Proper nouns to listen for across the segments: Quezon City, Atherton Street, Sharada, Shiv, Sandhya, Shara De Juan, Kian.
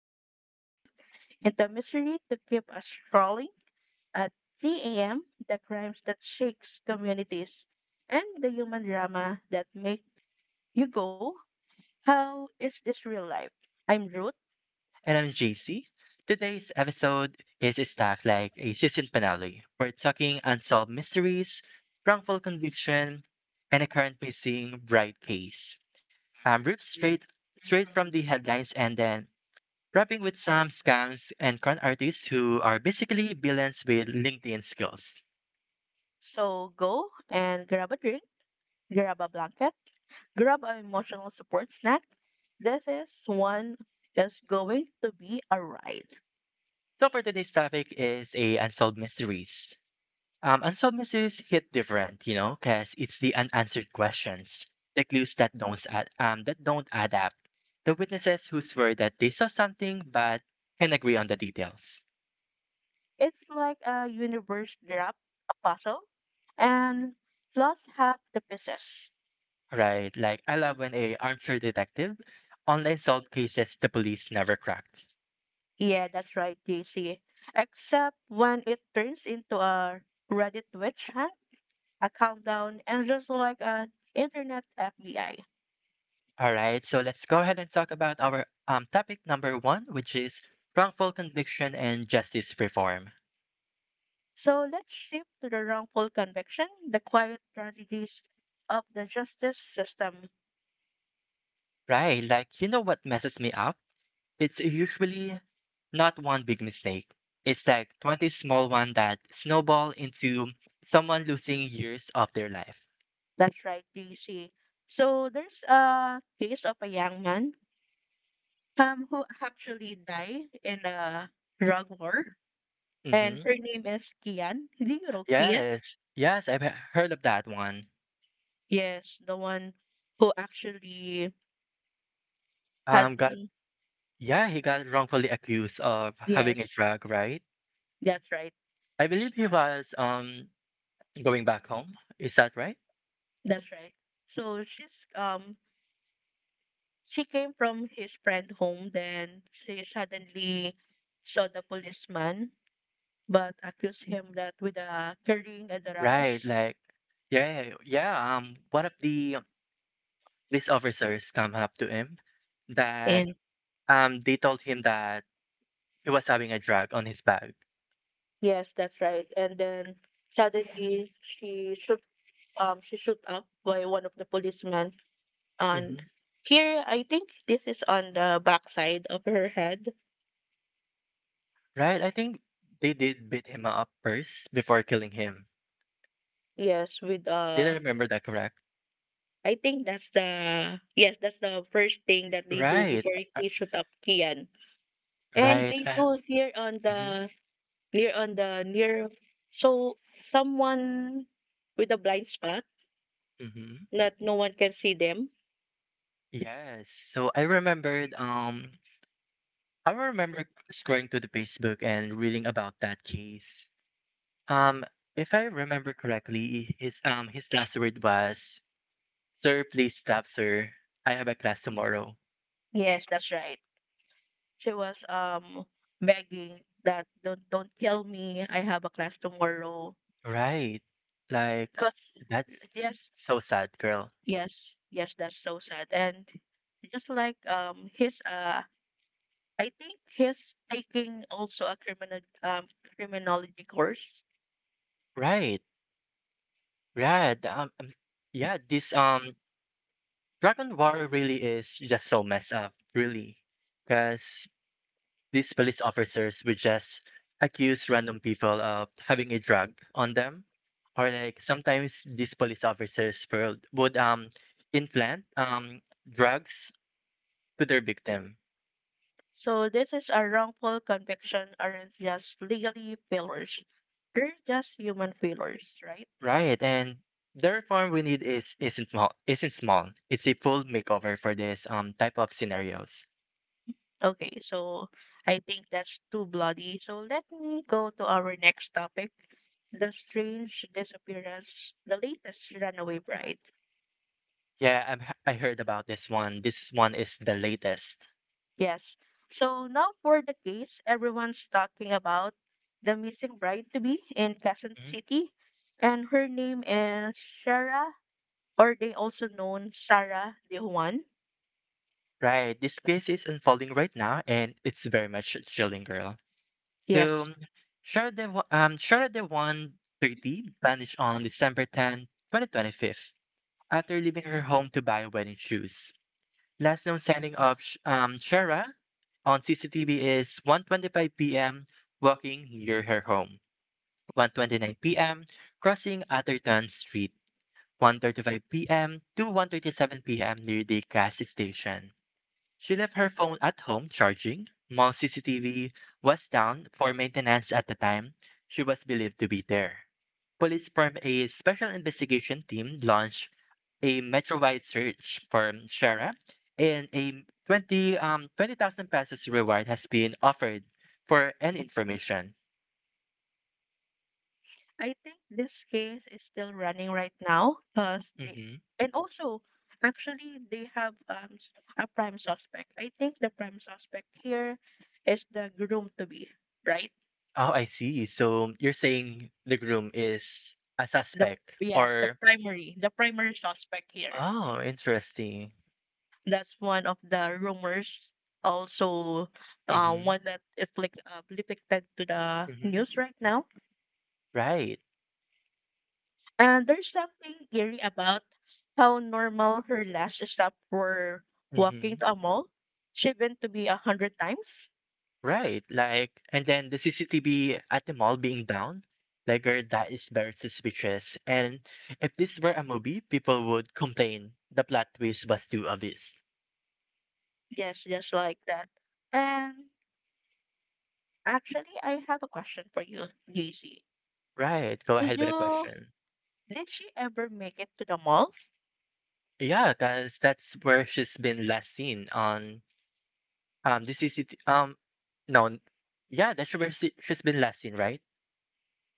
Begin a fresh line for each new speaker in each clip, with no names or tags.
where we dive into mystery to keep us scrolling at 3 a.m., the crimes that shakes communities, and the human drama that make you go, how is this real life? I'm Ruth,
And I'm JC. Today's episode is stacked like a season finale. We're talking unsolved mysteries, wrongful conviction, and a current missing bride case. Ripped straight from the headlines and then wrapping with some scams and con artists who are basically villains with LinkedIn skills.
so go and grab a drink, grab a blanket, grab an emotional support snack. This is one that's going to be a ride.
So for today's topic is a unsolved mysteries. Unsolved mysteries hit different, you know, because it's the unanswered questions, the clues that don't that don't add up, the witnesses who swear that they saw something but can agree on the details,
It's like a universe drop a puzzle, and plus half the pieces.
right? Like I love when a armchair detective online solved cases the police never cracked.
Yeah, that's right, JC. Except when it turns into a Reddit witch hunt, a countdown, and just like an internet FBI.
All right, so let's go ahead and talk about our topic number one, which is wrongful conviction and justice reform.
So let's shift to the wrongful conviction, the quiet tragedies of the justice system.
Right, like you know what messes me up? It's usually not one big mistake. It's like 20 small ones that snowball into someone losing years of their life.
That's right, JC. So there's a case of a young man who actually died in a drug war, and
Hmm.
her name is Kian. Do you know Kian?
Yes, yes, heard of that one.
Yes, the one who actually had.
Got yeah, he got wrongfully accused of having a
Yes,
drug, right?
that's right.
I believe he was going back home. Is that right?
That's right. So she's she came from his friend home then she suddenly saw the policeman but accused him that with carrying a
Right,
drugs
like yeah, yeah, yeah. One of the police officers come up to him that
and
they told him that he was having a drug on his bag.
yes that's right and then suddenly she shoot she shot up by one of the policemen.
Hmm.
And here, I think this is on the backside of her head.
Right? I think they did beat him up first before killing him.
Yes, with
Did I remember that correct?
I think that's the yes, that's the first thing that they do
Right.
before he shoot up Kian. And
Right.
they do here
Mm-hmm,
on the near, so someone with a blind spot
mm-hmm.
that no one can see them.
Yes. So I remember scrolling to the Facebook and reading about that case. Um if I remember correctly, his last word was, sir, please stop, sir. I have a class tomorrow.
Yes, that's right. She was begging that don't kill me. I have a class tomorrow.
Right. Like
Because
that's
yes,
so sad, girl.
yes, that's so sad. And just like his I think he's taking also a criminal criminology course.
Right. Yeah. Yeah, this Dragon War really is just so messed up, really. Because these police officers would just accuse random people of having a drug on them. Or like sometimes these police officers would implant drugs to their victim.
So this is a wrongful conviction aren't just legally failures. They're just human failures, right?
Right, and the reform we need is isn't small. It's a full makeover for this type of scenarios.
Okay, so I think that's too bloody. So let me go to our next topic. The strange disappearance, the latest runaway bride.
Yeah, I heard about this one. This one is the latest.
Yes. So now for the case everyone's talking about the missing bride to be in Quezon
Mhm.
City, and her name is Shara, or they also known Sarah De Juan.
Right, this case is unfolding right now, and it's very much chilling, girl.
Yes.
So, Sharada 130 vanished on December 10, 2025, after leaving her home to buy wedding shoes. Last known sighting of Shara on CCTV is 1:25 p.m. walking near her home. 1:29 p.m. crossing Atherton Street. 1:35 p.m. to 1:37 p.m. near the gas station. She left her phone at home charging. Mall CCTV was down for maintenance at the time. She was believed to be there. Police formed a special investigation team launched a metro-wide search for Shara, and a 20 um 20,000 pesos reward has been offered for any information.
I think this case is still running right now because they
Hmm.
and also actually they have a prime suspect. I think the prime suspect here is the groom to be, right?
Oh, I see. So you're saying the groom is a
The
suspect
yes,
or —
the primary suspect here.
oh, interesting.
That's one of the rumors. Also,
Hmm.
one that afflicted to the
Hmm.
news right now.
Right.
And there's something eerie about how normal her last stop for walking
Hmm.
to a mall. She went to be 100 times.
Right, like, and then the CCTV at the mall being down, like, girl, that is very suspicious. And if this were a movie, people would complain the plot twist was too obvious.
Yes, just like that. And actually, I have a question for you, JC.
Right, go
Did
ahead with a
you
question.
did she ever make it to the mall?
Yeah, because that's where she's been last seen on the CCTV. No, n- yeah, that's she's been last seen, right?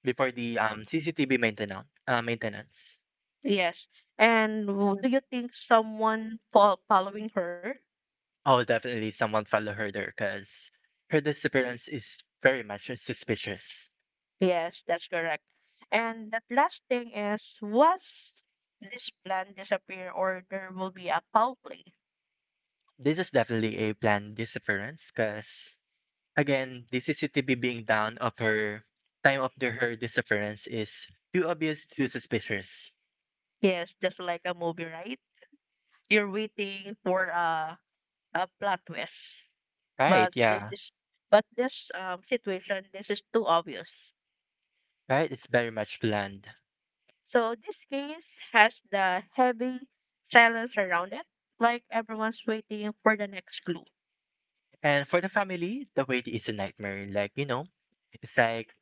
Before the CCTV maintenance.
Yes. And do you think someone following her?
Oh, definitely someone follow her there because her disappearance is very much suspicious.
Yes, that's correct. And that last thing is, was this plan disappear or there will be a foul play?
This is definitely a planned disappearance because, again, the CCTV being down of her time of the, her disappearance is too obvious, too suspicious.
Yes, just like a movie, right? You're waiting for a plot twist,
Right,
but this
yeah.
is but this situation this is too obvious.
Right, it's very much planned.
So this case has the heavy silence around it, like everyone's waiting for the next clue.
And for the family, the wait is a nightmare. Like, you know, it's like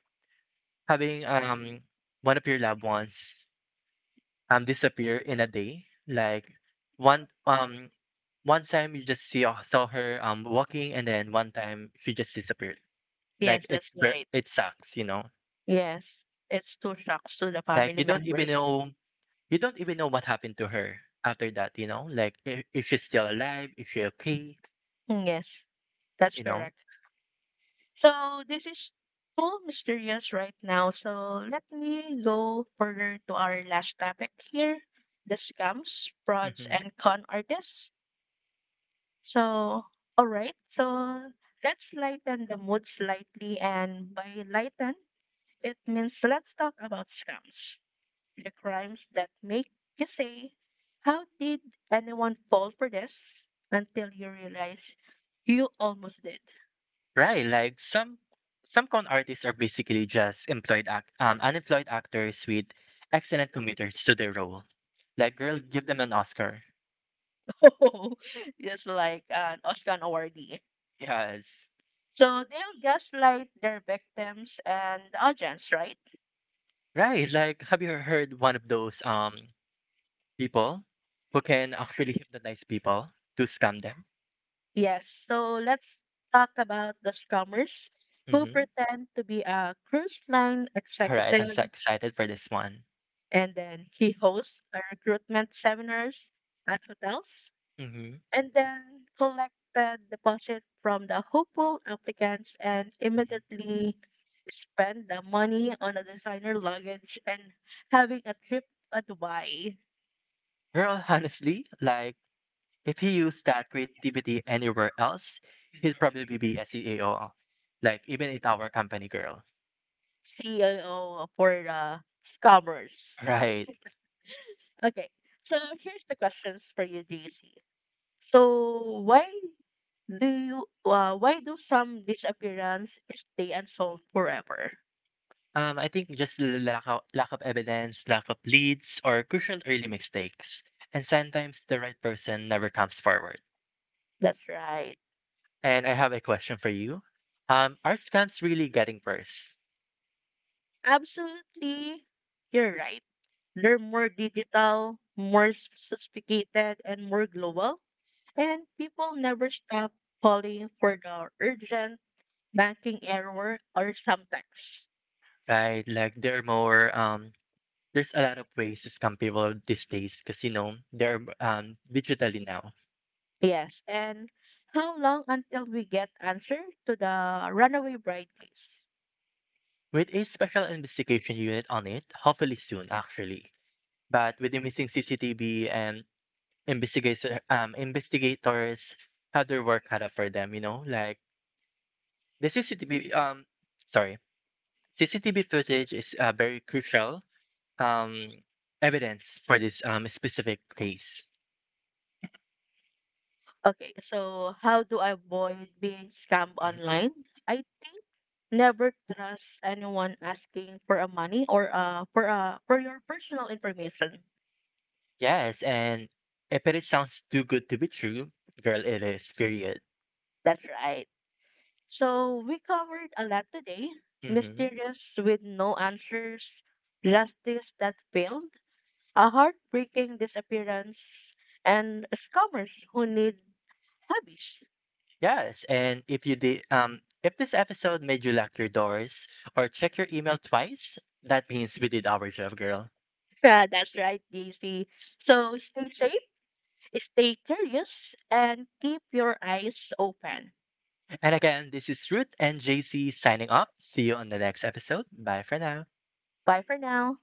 having one of your loved ones disappear in a day. Like one um one time you just see saw her walking and then one time she just disappeared. Like
Yes, that's right.
it sucks, you know.
Yes, it's two shocks to the
Like
family members.
you don't even know what happened to her after that, you know. Like if she's still alive, if she's okay,
Yes, that's
you know.
correct. So this is too mysterious right now. So let me go further to our last topic here, the scams, frauds,
Mhm.
and con artists. So, all right. So let's lighten the mood slightly, and by lighten, it means let's talk about scams, the crimes that make you say, "How did anyone fall for this?" until you realize you almost did.
Right, like some con artists are basically just employed act unemployed actors with excellent commuters to their role. Like girl, give them an Oscar.
Just like an Oscar awardee.
Yes.
So they'll gaslight their victims and the audience, right?
Right. Like, have you heard one of those people who can actually hypnotize people to scam them?
Yes. So let's talk about the scammers who
Mm-hmm.
pretend to be a cruise line
All right. I'm so
executive
excited for this one.
and then he hosts a recruitment seminars at hotels
Mm-hmm.
and then collected deposit from the hopeful applicants and
Mm-hmm.
immediately spent the money on a designer luggage and having a trip to Dubai.
Girl, honestly, like, if he used that creativity anywhere else, he'd probably be a CEO. Like, even at our company, girl.
CEO for the scammers.
Right.
Okay, so here's the questions for you, JC. So why do you why do some disappearance stay unsolved forever?
I think just lack of evidence, lack of leads, or crucial early mistakes. And sometimes the right person never comes forward.
That's right.
And I have a question for you. Are scams really getting worse?
Absolutely, you're right. They're more digital, more sophisticated, and more global. And people never stop calling for the urgent banking error or some text.
Right? Like there are more there's a lot of ways to scam people these days because you know they're digitally now.
Yes. And how long until we get answer to the runaway bride case?
With a special investigation unit on it, hopefully soon actually. But with the missing CCTV and investigators had their work cut out for them, you know, like the CCTV um sorry. CCTV footage is very crucial um, evidence for this specific case.
Okay, so how do I avoid being scammed
Mhm.
online? I think never trust anyone asking for a money or for your personal information.
Yes, and if it is sounds too good to be true, girl, it is. Period.
That's right. So we covered a lot today.
Hmm.
Mysterious with no answers, justice that failed, a heartbreaking disappearance, and scammers who need hobbies.
Yes, and if if this episode made you lock your doors or check your email twice, that means we did our job, girl.
Yeah, that's right, JC. So stay safe, stay curious, and keep your eyes open.
And again, this is Ruth and JC signing up. See you on the next episode. Bye for now.
Bye for now.